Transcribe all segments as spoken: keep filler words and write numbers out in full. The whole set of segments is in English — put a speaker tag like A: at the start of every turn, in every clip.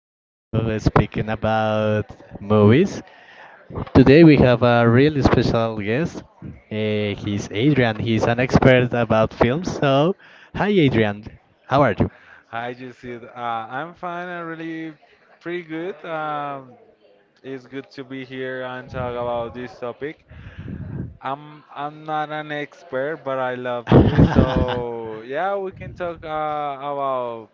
A: to speaking about movies. Today we have a really special guest. Uh, he's Adrian. He's an expert about films. So, hi Adrian, how are you?
B: Hi, Jesse. Uh, I'm fine. I'm really pretty good. Um, it's good to be here and talk about this topic. I'm I'm not an expert, but I love movies, so yeah, we can talk uh, about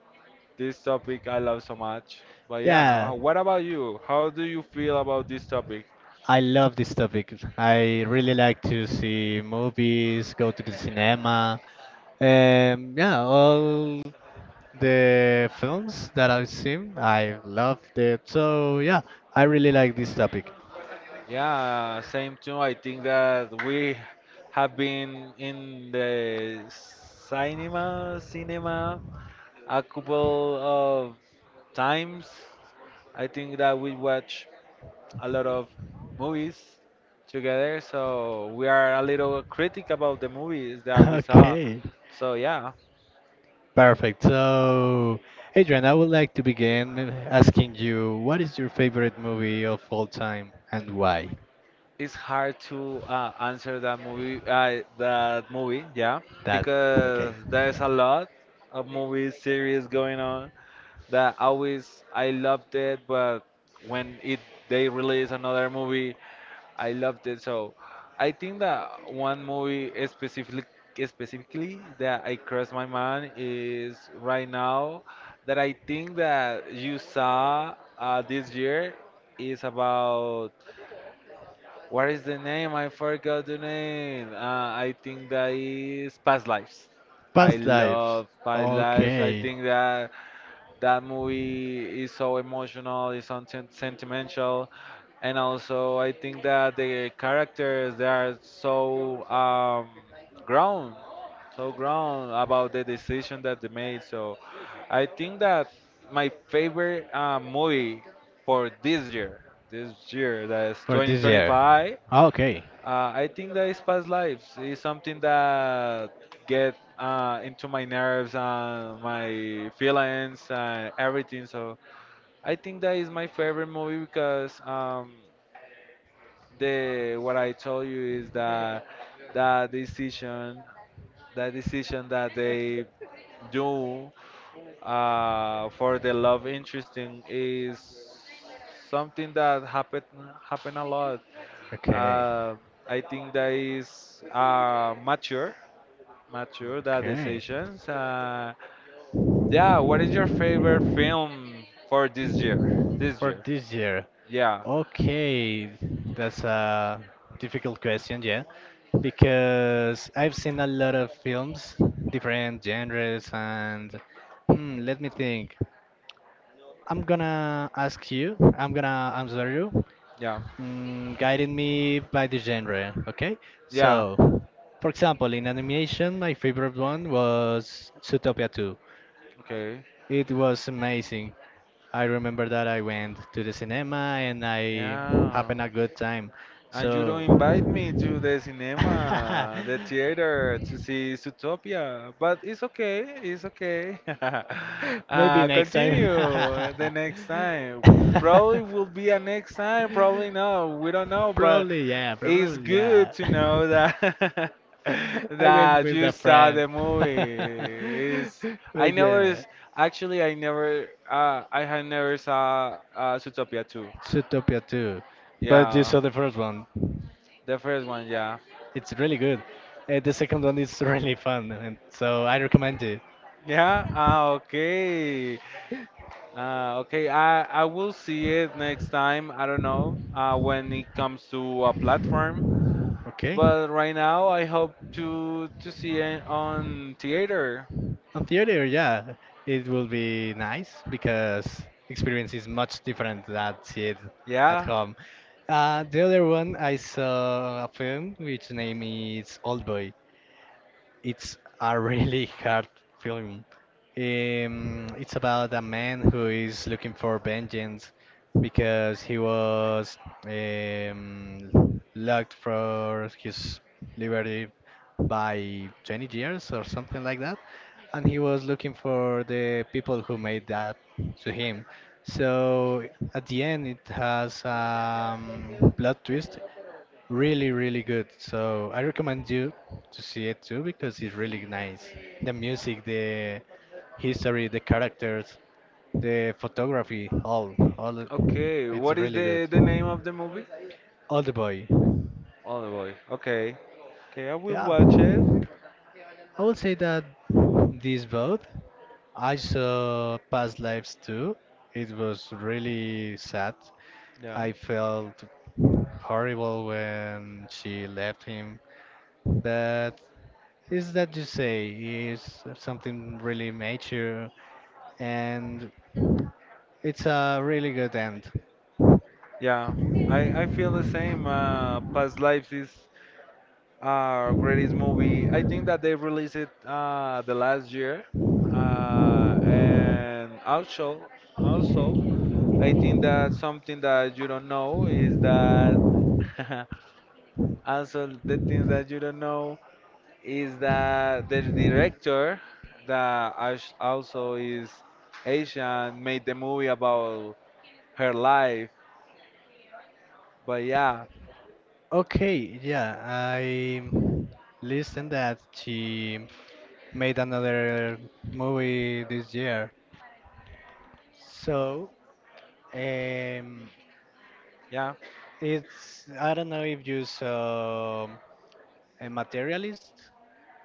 B: this topic I love so much. But yeah,
A: Yeah,
B: uh, what about you? How do you feel about this topic?
A: I love this topic. I really like to see movies, go to the cinema. Um, yeah, all The films that I've seen, I loved it. So yeah, I really like this topic.
B: Yeah, same too. I think that we have been in the cinema, cinema, a couple of times. I think that we watch a lot of movies together, so we are a little critic about the movies that we saw.
A: Okay,
B: So yeah,
A: perfect. So, Adrian, I would like to begin asking you, what is your favorite movie of all time and why?
B: it's hard to uh, answer that movie. Uh, that movie, yeah, because there's a lot of movies series going on that always I loved it, but when it they release another movie I loved it. So I think that one movie specifically specifically that I crossed my mind is right now that I think that you saw uh, this year is about what is the name? I forgot the name. Uh, I think that is Past Lives. I
A: Past lives.
B: love Past Lives. I
A: Okay.
B: think that that movie is so emotional, it's so sen- sentimental, and also I think that the characters they are so um, grown, so grown about the decision that they made. So I think that my favorite uh, movie for this year, this year that is
A: For this year.
B: twenty twenty-five.
A: Okay.
B: Uh, I think that is past lives. It's something that get uh, into my nerves and my feelings and everything. So I think that is my favorite movie because um, the what I told you is that that decision, that decision that they do uh, for the love interesting is something that happen happen a lot.
A: Okay.
B: uh, I think that is uh, mature, mature that
A: Okay.
B: decisions. Uh, yeah, what is your favorite film for this year? This
A: For
B: year?
A: this year.
B: Yeah,
A: Okay, that's a difficult question, yeah, because I've seen a lot of films, different genres, and hmm, let me think. I'm gonna ask you, I'm gonna answer you,
B: yeah,
A: mm, guiding me by the genre, okay?
B: yeah.
A: So, for example, in animation, my favorite one was Zootopia two.
B: Okay.
A: It was amazing. I remember that I went to the cinema and I
B: Yeah.
A: happened a good time.
B: And you don't
A: So
B: invite me to the cinema, the theater to see Zootopia. But it's okay, it's okay.
A: maybe
B: Uh,
A: next time.
B: continue the next time. Probably will be a next time, probably no. We don't know, but
A: Probably yeah,
B: it's
A: probably yeah.
B: good to know that
A: I went
B: that you saw the movie. It's, I
A: but
B: never
A: yeah,
B: s- Actually I never uh, I had never saw uh, Zootopia two.
A: Zootopia two. But you
B: Yeah,
A: saw the first one.
B: the first one, yeah.
A: It's really good. Uh, the second one is really fun and so I recommend it.
B: Yeah, ah, okay. Uh, okay, I, I will see it next time. I don't know uh, when it comes to a platform,
A: Okay.
B: but right now I hope to to see it on theater.
A: On theater, yeah, it will be nice because experience is much different than see it at
B: Yeah.
A: home. Uh, the other one, I saw a film which name is Old Boy. It's a really hard film. Um, it's about a man who is looking for vengeance because he was um, locked for his liberty by twenty years or something like that, and he was looking for the people who made that to him. So at the end, it has um, plot twist really really good, so I recommend you to see it too because it's really nice. The music, the history, the characters, the photography, all, all,
B: Okay.
A: it's
B: What is
A: really good.
B: the the name of the movie?
A: All the boy.
B: Oh boy. Okay. Okay, I will
A: Yeah,
B: watch it.
A: I would say that these both. I saw Past Lives too. It was really sad.
B: Yeah.
A: I felt horrible when she left him. That is that you say is something really mature and it's a really good end.
B: Yeah. I I feel the same. Uh, Past Lives is Uh, greatest movie. I think that they released it uh, the last year, uh, and also, also, I think that something that you don't know is that also the things that you don't know is that the director that als- also is Asian made the movie about her life. But yeah,
A: Okay, yeah, I listened that she made another movie this year. So, um,
B: yeah,
A: it's I don't know if you saw a materialist.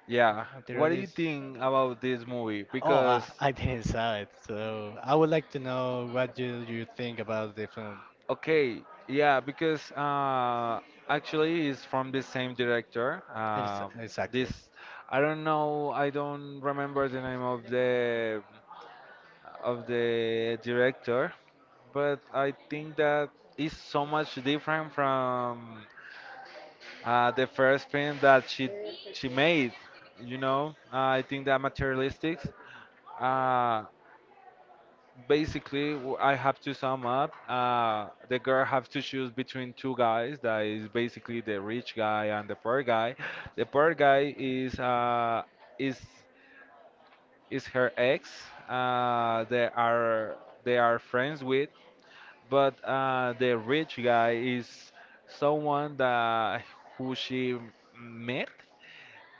B: yeah. What do you
A: Materialist.
B: think about this movie?
A: Oh, I,
B: Because
A: I didn't saw it, so I would like to know what you you think about the film.
B: okay, yeah, because uh, actually it's from the same director.
A: Ex-
B: Um this
A: Exactly.
B: I don't know, I don't remember the name of the of the director, but I think that it's so much different from uh, the first film that she she made. You know, uh, I think that materialistics. Uh, Basically w- I have to sum up. Uh, the girl have to choose between two guys. That is basically the rich guy and the poor guy. The poor guy is uh, is is her ex. Uh, they are they are friends with, but uh, the rich guy is someone that who she met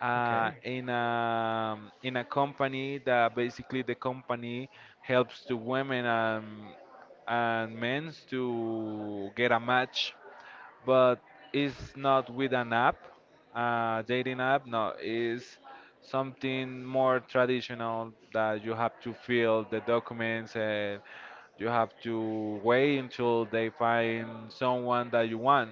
B: uh,
A: Okay.
B: in a um, in a company that basically the company helps to women and and men to get a match, but it's not with an app, uh, dating app. No, it's something more traditional that you have to fill the documents and you have to wait until they find someone that you want.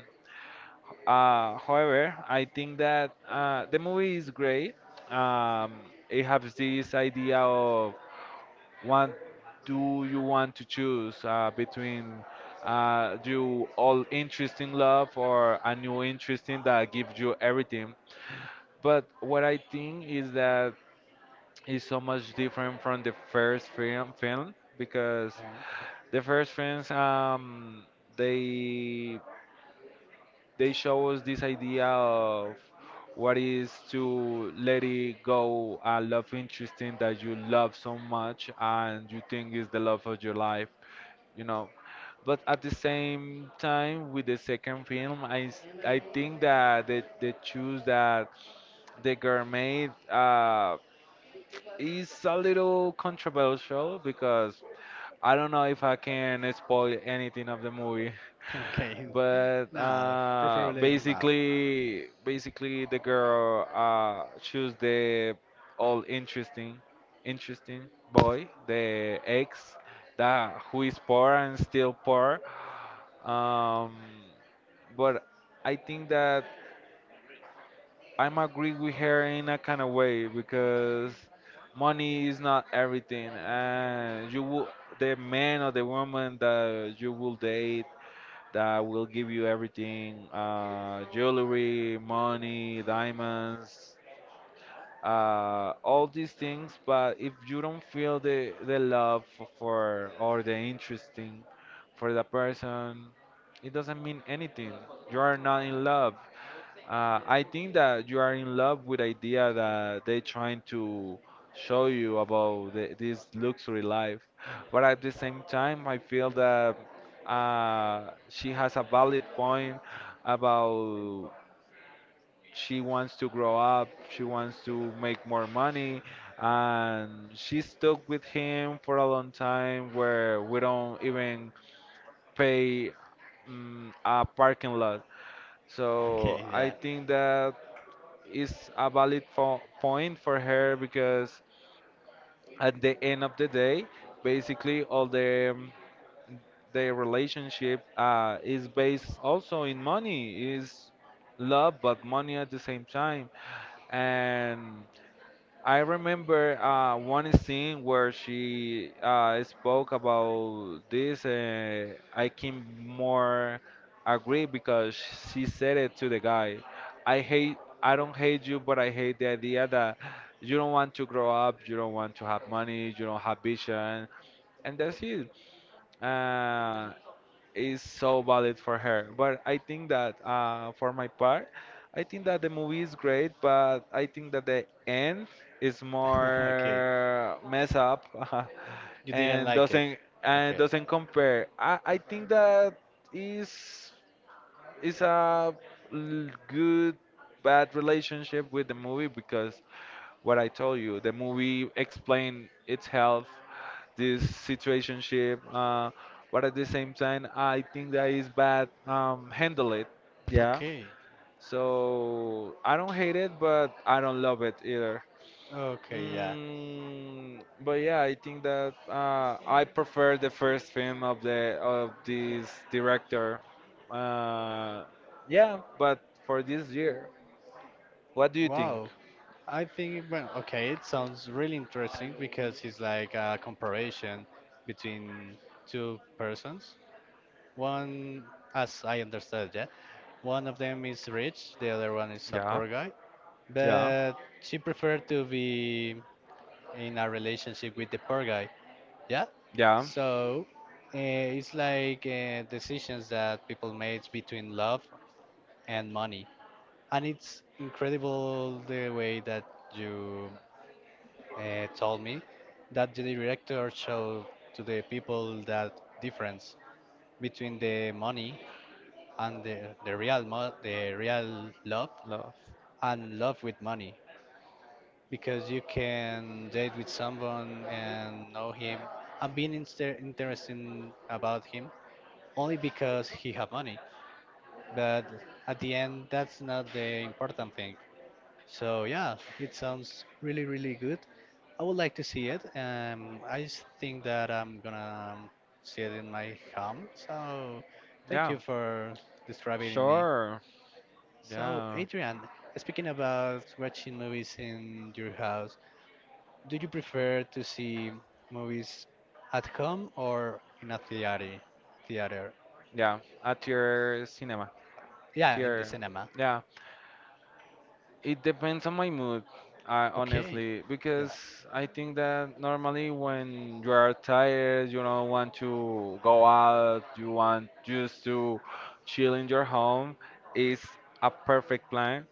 B: Uh, however, I think that uh, the movie is great. Um, it has this idea of what do you want to choose uh, between uh, do all interest in love or a new interest in that gives you everything. But what I think is that is so much different from the first film, film because the first films um, they they show us this idea of what is to let it go a love interesting that you love so much and you think is the love of your life, you know, but at the same time with the second film i s- I think that the, the choose that the girl made uh is a little controversial because I don't know if I can spoil anything of the movie,
A: Okay.
B: but
A: No,
B: uh,
A: preferably not.
B: basically, basically the girl uh, choose the all interesting, interesting boy, the ex that who is poor and still poor. Um, but I think that I'm agree with her in a kind of way because money is not everything, and you will the man or the woman that you will date that will give you everything uh, jewelry, money, diamonds, uh, all these things. But if you don't feel the, the love f- for or the interesting for the person, it doesn't mean anything. You are not in love. Uh, I think that you are in love with idea that they trying to show you about the, this luxury life, but at the same time, I feel that uh, she has a valid point about she wants to grow up, she wants to make more money, and she stuck with him for a long time where we don't even pay mm, a parking lot. So
A: Okay,
B: I
A: yeah.
B: think that is a valid fo- point for her because at the end of the day, basically all the um, the relationship uh, is based also in money is love but money at the same time and I remember uh, one scene where she uh, spoke about this, and I can more agree because she said it to the guy. I hate, I don't hate you, but I hate the idea that you don't want to grow up, you don't want to have money, you don't have vision, and that's it. Uh, is so valid for her. But I think that uh, for my part, I think that the movie is great, but I think that the end is more mess up
A: You didn't
B: and
A: like it.
B: doesn't and doesn't compare. I, I think that is is a l- good bad relationship with the movie because what I told you. The movie explained itself, this situationship, uh, but at the same time, I think that is bad. Um, handle it. Yeah.
A: Okay.
B: So I don't hate it, but I don't love it either.
A: Okay, yeah.
B: Mm, but yeah, I think that uh, I prefer the first film of the of this director. Uh, yeah, but for this year, what do you think?
A: Wow. I think, well, okay, it sounds really interesting because it's like a comparison between two persons. One, as I understood, yeah, one of them is rich, the other one is a poor
B: Yeah,
A: guy,
B: yeah,
A: but she preferred to be in a relationship with the poor guy. Yeah.
B: yeah.
A: So uh, it's like uh, decisions that people made between love and money, and it's incredible the way that you uh, told me that the director showed to the people that difference between the money and the, the real mo- the real love
B: Love.
A: and love with money, because you can date with someone and know him and being inter- interesting about him only because he have money, but at the end that's not the important thing. So yeah, it sounds really really good. I would like to see it. Um, i s- think that I'm gonna um, see it in my home, so thank you
B: Yeah,
A: for describing it me.
B: sure.
A: So
B: Yeah,
A: Adrian, speaking about watching movies in your house, do you prefer to see movies at home or in a theater? Theater?
B: yeah. At your cinema,
A: Yeah,
B: at
A: in the
B: your
A: cinema.
B: yeah. It depends on my mood, uh,
A: Okay.
B: honestly,
A: Yeah.
B: because I think that normally when you are tired, you don't want to go out, you want just to chill in your home. It's a perfect plan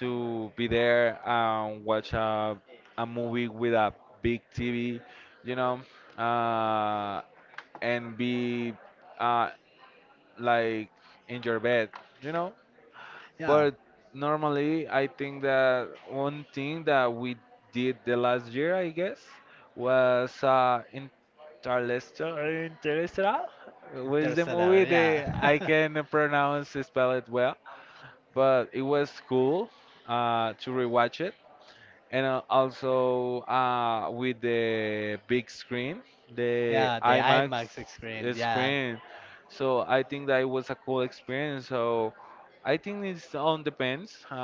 B: to be there and watch a a movie with a big T V, you know, uh, and be uh, like in your bed, you know.
A: Yeah.
B: But normally, I think that one thing that we did the last year, I guess, was uh, Interstellar. Interstellar was the
A: Interstellar.
B: movie
A: Yeah.
B: that I can pronounce spell it well, but it was cool uh, to rewatch it and uh, also uh, with the big screen, the
A: Yeah, the
B: IMAX
A: IMAX screen. Yeah.
B: screen. So I think that it was a cool experience. So I think it's on depends uh,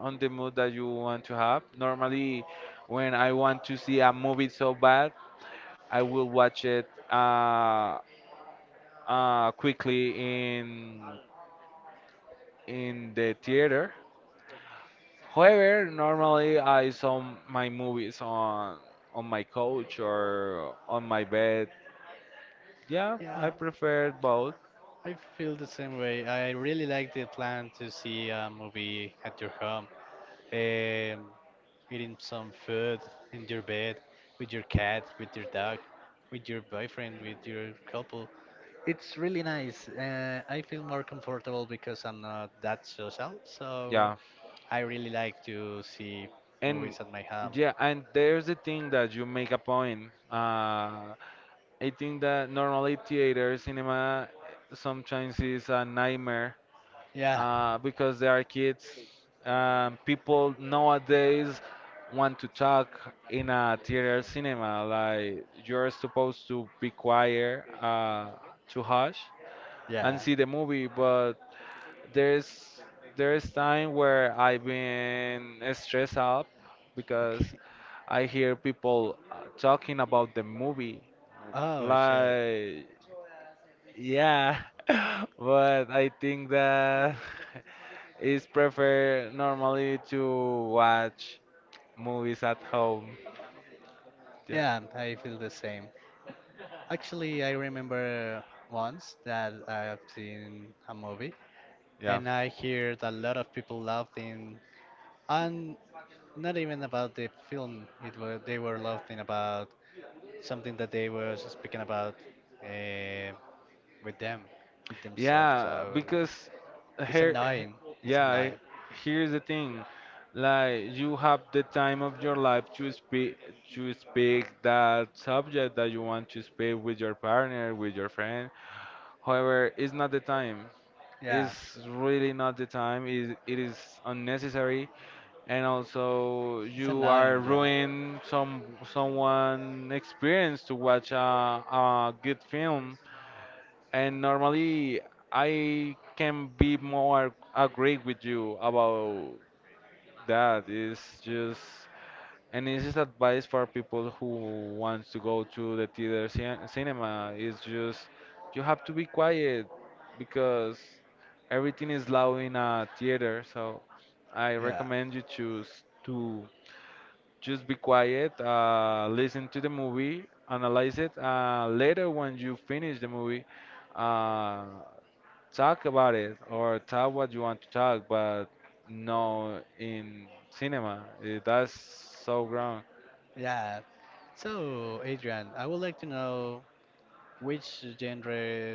B: on the mood that you want to have. Normally, when I want to see a movie so bad, I will watch it uh, uh, quickly in in the theater. However, normally I saw my movies on on my couch or on my bed. Yeah,
A: Yeah.
B: I prefer both.
A: I feel the same way. I really like the plan to see a movie at your home. Um, Eating some food in your bed with your cat, with your dog, with your boyfriend, with your couple. It's really nice. Uh, I feel more comfortable because I'm not that social, so
B: Yeah,
A: I really like to see movies
B: and
A: at my home.
B: yeah, and there's the thing that you make a point. Uh, I think that normally theater cinema sometimes is a nightmare
A: Yeah,
B: uh, because they are kids. Um, people nowadays want to talk in a theater cinema. Like you're supposed to be quiet, uh, to hush
A: yeah,
B: and see the movie. But there's there's time where I've been stressed out
A: okay.
B: because I hear people uh, talking about the movie.
A: Oh, sh-
B: Like yeah, but I think that. Is prefer normally to watch movies at home. Yeah,
A: yeah, I feel the same. Actually, I remember once that I've seen a movie and
B: yeah,
A: I heard a lot of people laughing, and not even about the film. It was they were laughing about something that they were speaking about uh, with them, with themselves.
B: yeah.
A: So
B: Because
A: it's
B: here,
A: annoying. It's annoying.
B: yeah. Here's the thing, like you have the time of your life to speak to speak that subject that you want to speak with your partner, with your friend. However, it's not the time.
A: Yeah,
B: It's really not the time. It, it is unnecessary, and also
A: it's
B: you
A: annoying.
B: are
A: Yeah,
B: ruining some someone experience to watch a, a good film. And normally I can be more agree with you about that. It's just — and it's just advice for people who wants to go to the theater cin- cinema, it's just you have to be quiet because everything is loud in a theater. So I
A: yeah,
B: recommend you choose to just be quiet, uh, listen to the movie, analyze it. Uh, later, when you finish the movie, uh, talk about it or talk what you want to talk, but no in cinema. Eh, That's so wrong.
A: yeah. So Adrian, I would like to know which genre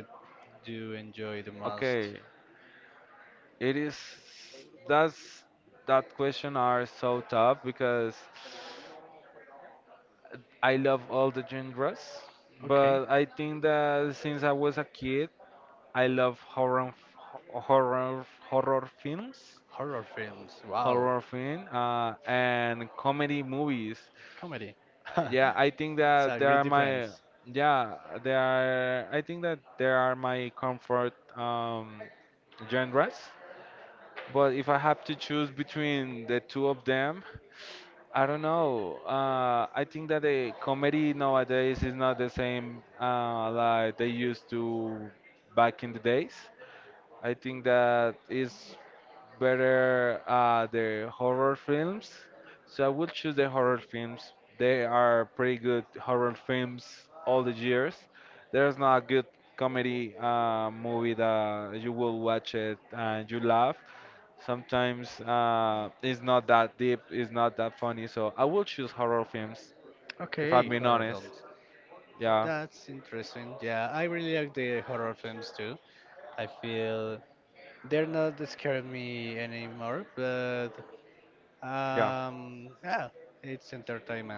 A: do you enjoy the most?
B: Okay, it is. That's — that question are so tough because I love all the genres,
A: Okay,
B: but I think that since I was a kid, I love horror, horror, horror films,
A: horror films. Wow,
B: horror film, uh, and comedy movies.
A: comedy.
B: Uh, Yeah, I think
A: It's a
B: that they
A: great
B: are my —
A: difference.
B: yeah, they are. I think that they are my comfort um, genres. But if I have to choose between the two of them, I don't know. Uh, I think that the comedy nowadays is not the same uh, like they used to back in the days. I think that is better, uh, the horror films. So I would choose the horror films. They are pretty good horror films all the years. There's not a good comedy uh, movie that you will watch it and you laugh. Sometimes uh, it's not that deep, it's not that funny. So I will choose horror films, if
A: Okay.
B: I'm being
A: Horror
B: honest.
A: films.
B: Yeah,
A: That's interesting. Yeah, I really like the horror films too. I feel they're not scaring me anymore, but
B: yeah,
A: um, yeah, it's entertainment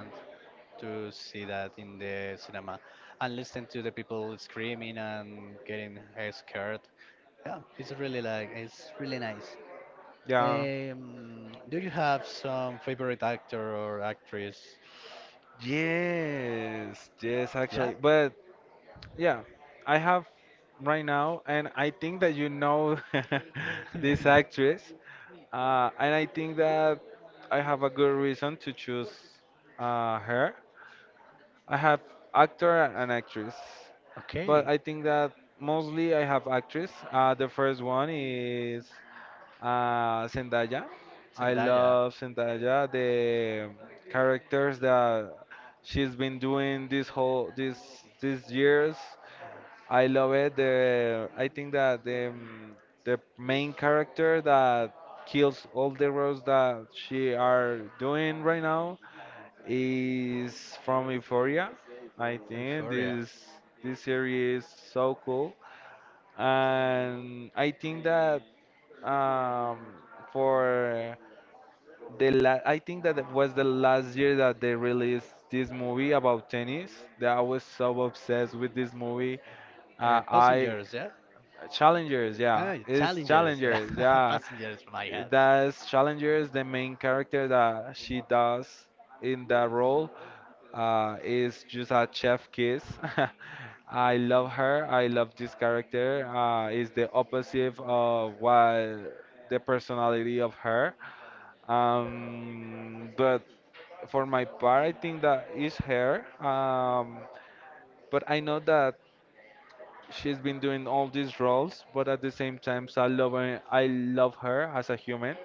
A: to see that in the cinema and listen to the people screaming and getting uh, scared. Yeah, it's really like it's really nice.
B: yeah.
A: Um, do you have some favorite actor or actress?
B: Yes, yes,
A: Yeah.
B: actually. But yeah, I have right now, and I think that you know this actress, uh, and I think that I have a good reason to choose uh, her. I have actor and actress,
A: Okay,
B: but I think that mostly I have actress. Uh, the first one is, uh, Zendaya. I
A: Zendaya,
B: love Zendaya. The characters that she's been doing this whole this these years, I love it. The I think that the um, the main character that kills all the roles that she are doing right now is from Euphoria. I think
A: Euphoria.
B: this this series is so cool, and I think that, um, for the la I think that it was the last year that they released this movie about tennis. That I was so obsessed with this movie.
A: Uh,
B: Uh, I
A: passengers, yeah?
B: Challengers,
A: Ah,
B: yeah, it's
A: challengers, yeah.
B: Challengers, yeah.
A: Passengers, my God.
B: That's Challengers. The main character that she does in that role uh, is just a chef kiss. I love her. I love this character. Uh, is the opposite of what the personality of her. Um, but for my part, I think that is her. Um, but I know that she's been doing all these roles, but at the same time, so I love her, I love her as a human.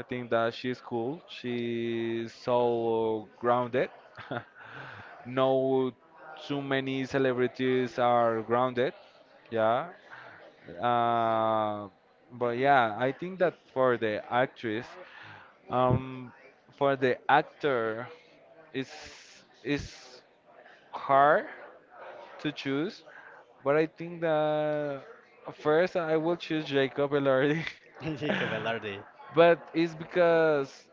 B: I think that she's cool. She's so grounded. No, too many celebrities are grounded. Yeah. Uh, but yeah, I think that for the actress, um, for the actor, it's it's hard to choose, but I think that first I will choose Jacob Elordi.
A: Jacob Velarde.
B: But it's because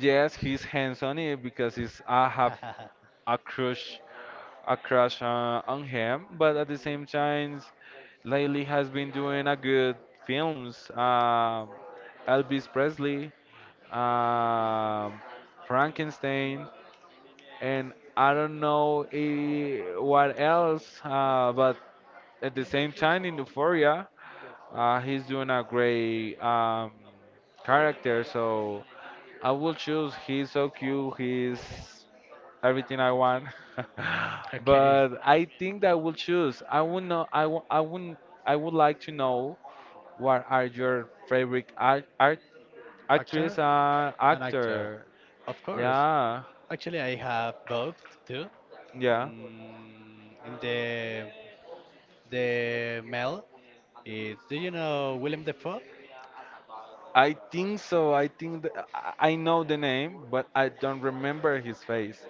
B: yes, he's handsome on because he's — I have a crush a crush uh, on him, but at the same time lately has been doing a good films. Um Elvis Presley, um Frankenstein, and I don't know, eh, what else. Uh, but at the same time in Euphoria, uh, he's doing a great um, character. So I will choose. He's so cute. He's everything I want.
A: okay.
B: But I think that I will choose. I would know. I w- I wouldn't. I would like to know what are your favorite art, art,
A: Actor?
B: actress and
A: An actor.
B: actor.
A: Of course.
B: Yeah,
A: Actually, I have both too.
B: yeah.
A: Mm, in the the male is do you know Willem Dafoe?
B: I think so. I think th- I I know the name, but I don't remember his face.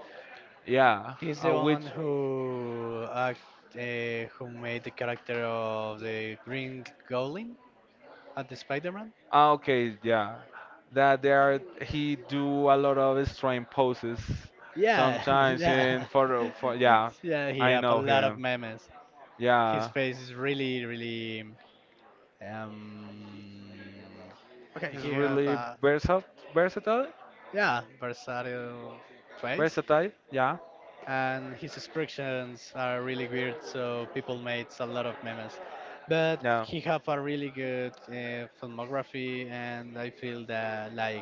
B: Yeah,
A: He's the
B: uh,
A: one
B: which
A: who act, uh, who made the character of the Green Goblin at the Spider-Man.
B: ah, okay, yeah, that there he do a lot of strange poses
A: Yeah,
B: sometimes
A: yeah,
B: in photo for, yeah,
A: yeah. He have
B: I
A: a
B: know
A: lot of
B: him.
A: memes. His
B: Yeah,
A: face is really, really. Um, okay, he
B: he's
A: have
B: really
A: a
B: versatile, versatile,
A: yeah versatile face,
B: versatile. Yeah,
A: and his expressions are really weird. So people made a lot of memes, but he
B: yeah.
A: have a really good uh, filmography, and I feel that like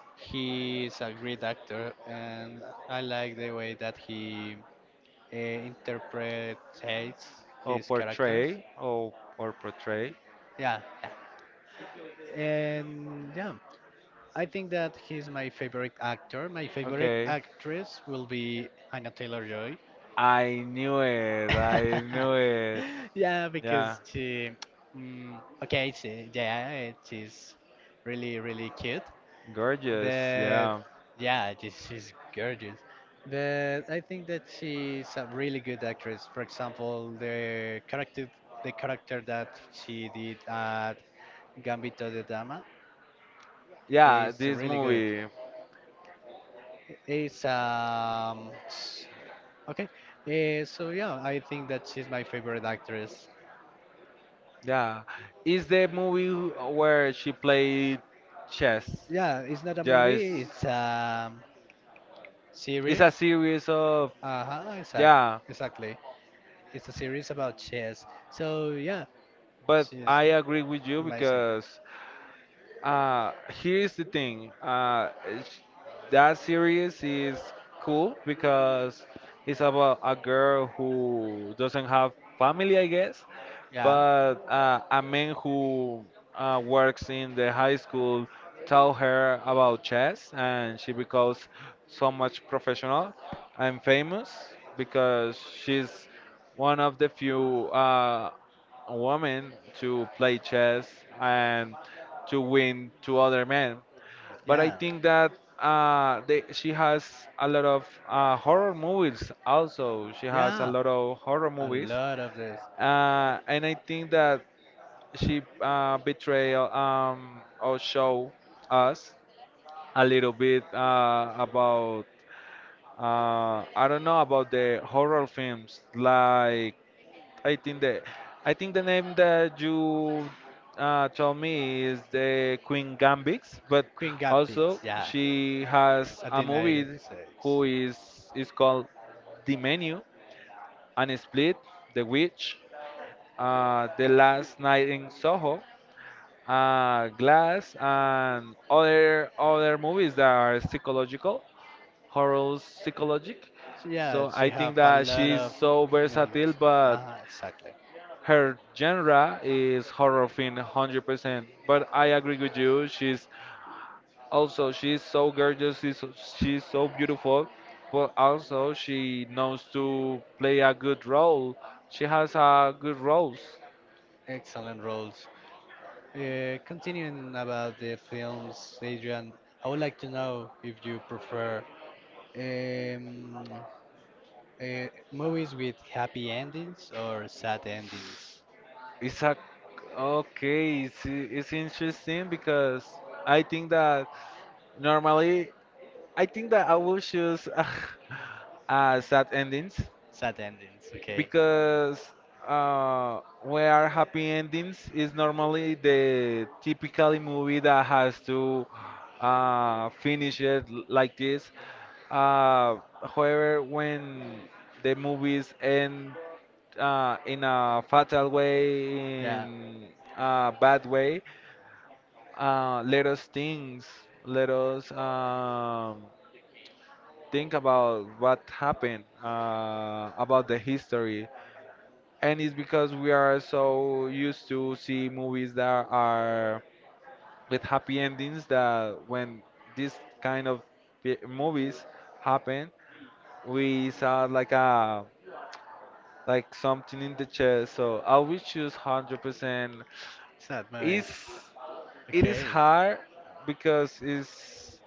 A: he is a great actor, and I like the way that he uh, interprets his
B: Or
A: characters.
B: portray, or or portray.
A: Yeah, yeah. And yeah, I think that he's my favorite actor. My favorite
B: Okay,
A: actress will be Anna Taylor Joy.
B: I knew it. I knew it.
A: Yeah, because
B: Yeah,
A: she, mm, okay, she, yeah, she's really, really cute.
B: gorgeous.
A: But
B: Yeah,
A: yeah, just she's gorgeous. But I think that she's a really good actress. For example, the character the character that she did at Gambito de Dama is
B: yeah.
A: really
B: This
A: good.
B: movie.
A: It's um s- okay. Uh, so yeah, I think that she's my favorite actress.
B: Yeah, it's the movie where she played chess.
A: Yeah, it's not a
B: Yeah, it's
A: movie, it's a series.
B: it's a series of,
A: Uh-huh, exact,
B: yeah,
A: exactly. It's a series about chess. So yeah,
B: but
A: she's
B: I agree with you
A: Amazing.
B: because Uh, here's the thing. Uh, sh- that series is cool because it's about a girl who doesn't have family, I guess,
A: Yeah.
B: but uh, a man who uh, works in the high school tell her about chess, and she becomes so much professional and famous because she's one of the few. Uh, a woman to play chess and to win to other men.
A: Yeah.
B: But I think that, uh, they, she has a lot of uh, horror movies also. She
A: Yeah.
B: has a lot of horror
A: A
B: movies.
A: lot of this.
B: Uh, and I think that she uh, betray, um, or show us a little bit uh, about, uh, I don't know, about the horror films. Like I think the I think the name that you uh, told me is the Queen Gambix, but
A: Queen got
B: also
A: Yeah.
B: she
A: At the
B: has a
A: United
B: movie
A: States.
B: who is is called The Menu, and Split, The Witch, uh, The Last Night in Soho, uh, Glass, and other other movies that are psychological, horror psychologic.
A: So yeah, she
B: So I
A: have a
B: think that
A: lot of,
B: she's so
A: you know,
B: versatile,
A: uh,
B: but
A: exactly.
B: her genre is horror film one hundred percent, but I agree with you. She's also she's so gorgeous, she's, she's so beautiful, but also she knows to play a good role. She has a good roles.
A: Excellent roles. Uh, continuing about the films, Adrian, I would like to know if you prefer um, uh, movies with happy endings or sad endings.
B: It's a — okay, it's, it's interesting because I think that normally I think that I will choose uh, sad endings
A: Sad endings, okay.
B: because uh, where happy endings is normally the typically movie that has to uh, finish it l- like this. Uh, However, when the movies end uh, in a fatal
A: Yeah,
B: way, in a bad way, uh, let us think, let us um, think about what happened, uh, about the history. And it's because we are so used to see movies that are with happy endings that when this kind of pi- movies happen, we saw like a — like something in the chest. So I will choose one hundred percent.
A: sad movies.
B: It's — it
A: Okay.
B: is hard because it's —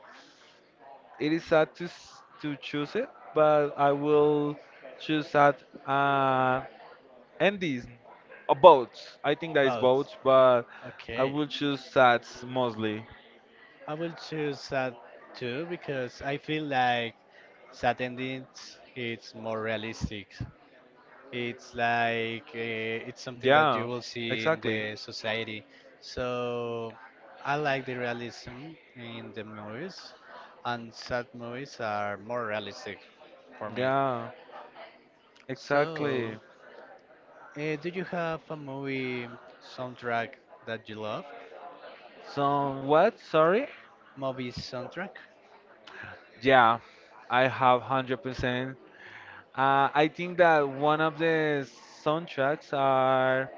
B: it is sad to s- to choose it, but I will choose that, uh Andes, uh, boats. I think that is
A: Both.
B: boats, but
A: Okay.
B: I will choose sats mostly.
A: I will choose sad too because I feel like sad endings it's more realistic. It's like uh, it's something that you will
B: Yeah,
A: see in the
B: exactly.
A: society. So I like the realism in the movies, and sad movies are more realistic for me.
B: Yeah,
A: So,
B: exactly.
A: uh, do you have a movie soundtrack that you love?
B: So what? Sorry?
A: Movie soundtrack?
B: Yeah, I have one hundred percent. Uh, I think that one of the soundtracks are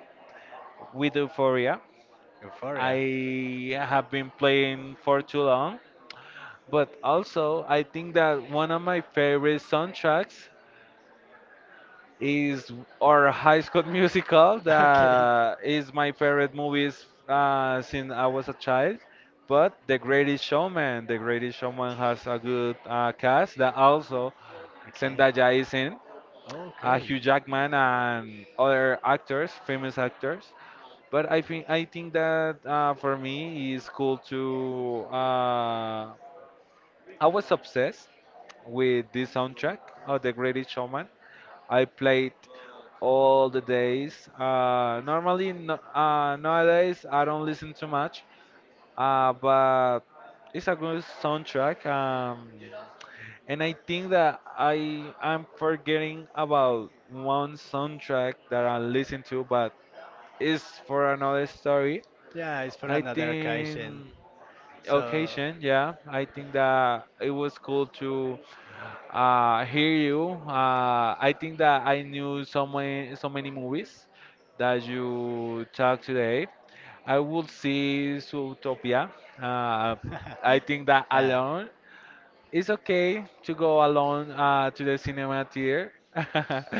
B: with Euphoria.
A: Euphoria.
B: I have been playing for too long, but also I think that one of my favorite soundtracks is our High School Musical.
A: Okay.
B: That is my favorite movies uh, since I was a child. But The Greatest Showman, The Greatest Showman has a good uh, cast that also
A: Okay.
B: Zendaya is in,
A: Okay.
B: uh, Hugh Jackman and other actors, famous actors. But I think I think that uh, for me it's cool to uh, I was obsessed with this soundtrack of The Greatest Showman. I played all the days. Uh, normally, no, uh, nowadays I don't listen too much, uh, but it's a good soundtrack. Um, and I think that I I'm forgetting about one soundtrack that I listen to, but it's for another story.
A: Yeah, it's for
B: I
A: another occasion.
B: think
A: So,
B: occasion, yeah. I think that it was cool to. Uh, hear you. Uh, I think that I knew so many, so many movies that you talk today. I would see Zootopia. Uh,
A: yeah,
B: I think that alone, it's okay to go alone uh, to the cinema theater.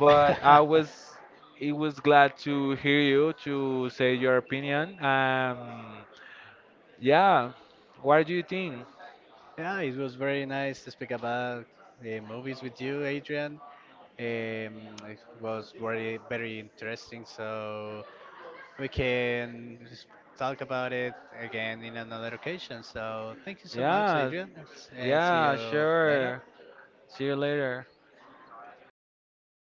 B: But I was, it was glad to hear you to say your opinion. Um, yeah, what do you think?
A: it was very nice to speak about uh, movies with you, Adrian. Um, it was very, very interesting. So we can s- talk about it again in another occasion. So thank you so much, Adrian.
B: Yeah,
A: S- uh, see
B: yeah,
A: you later.
B: sure. See you later.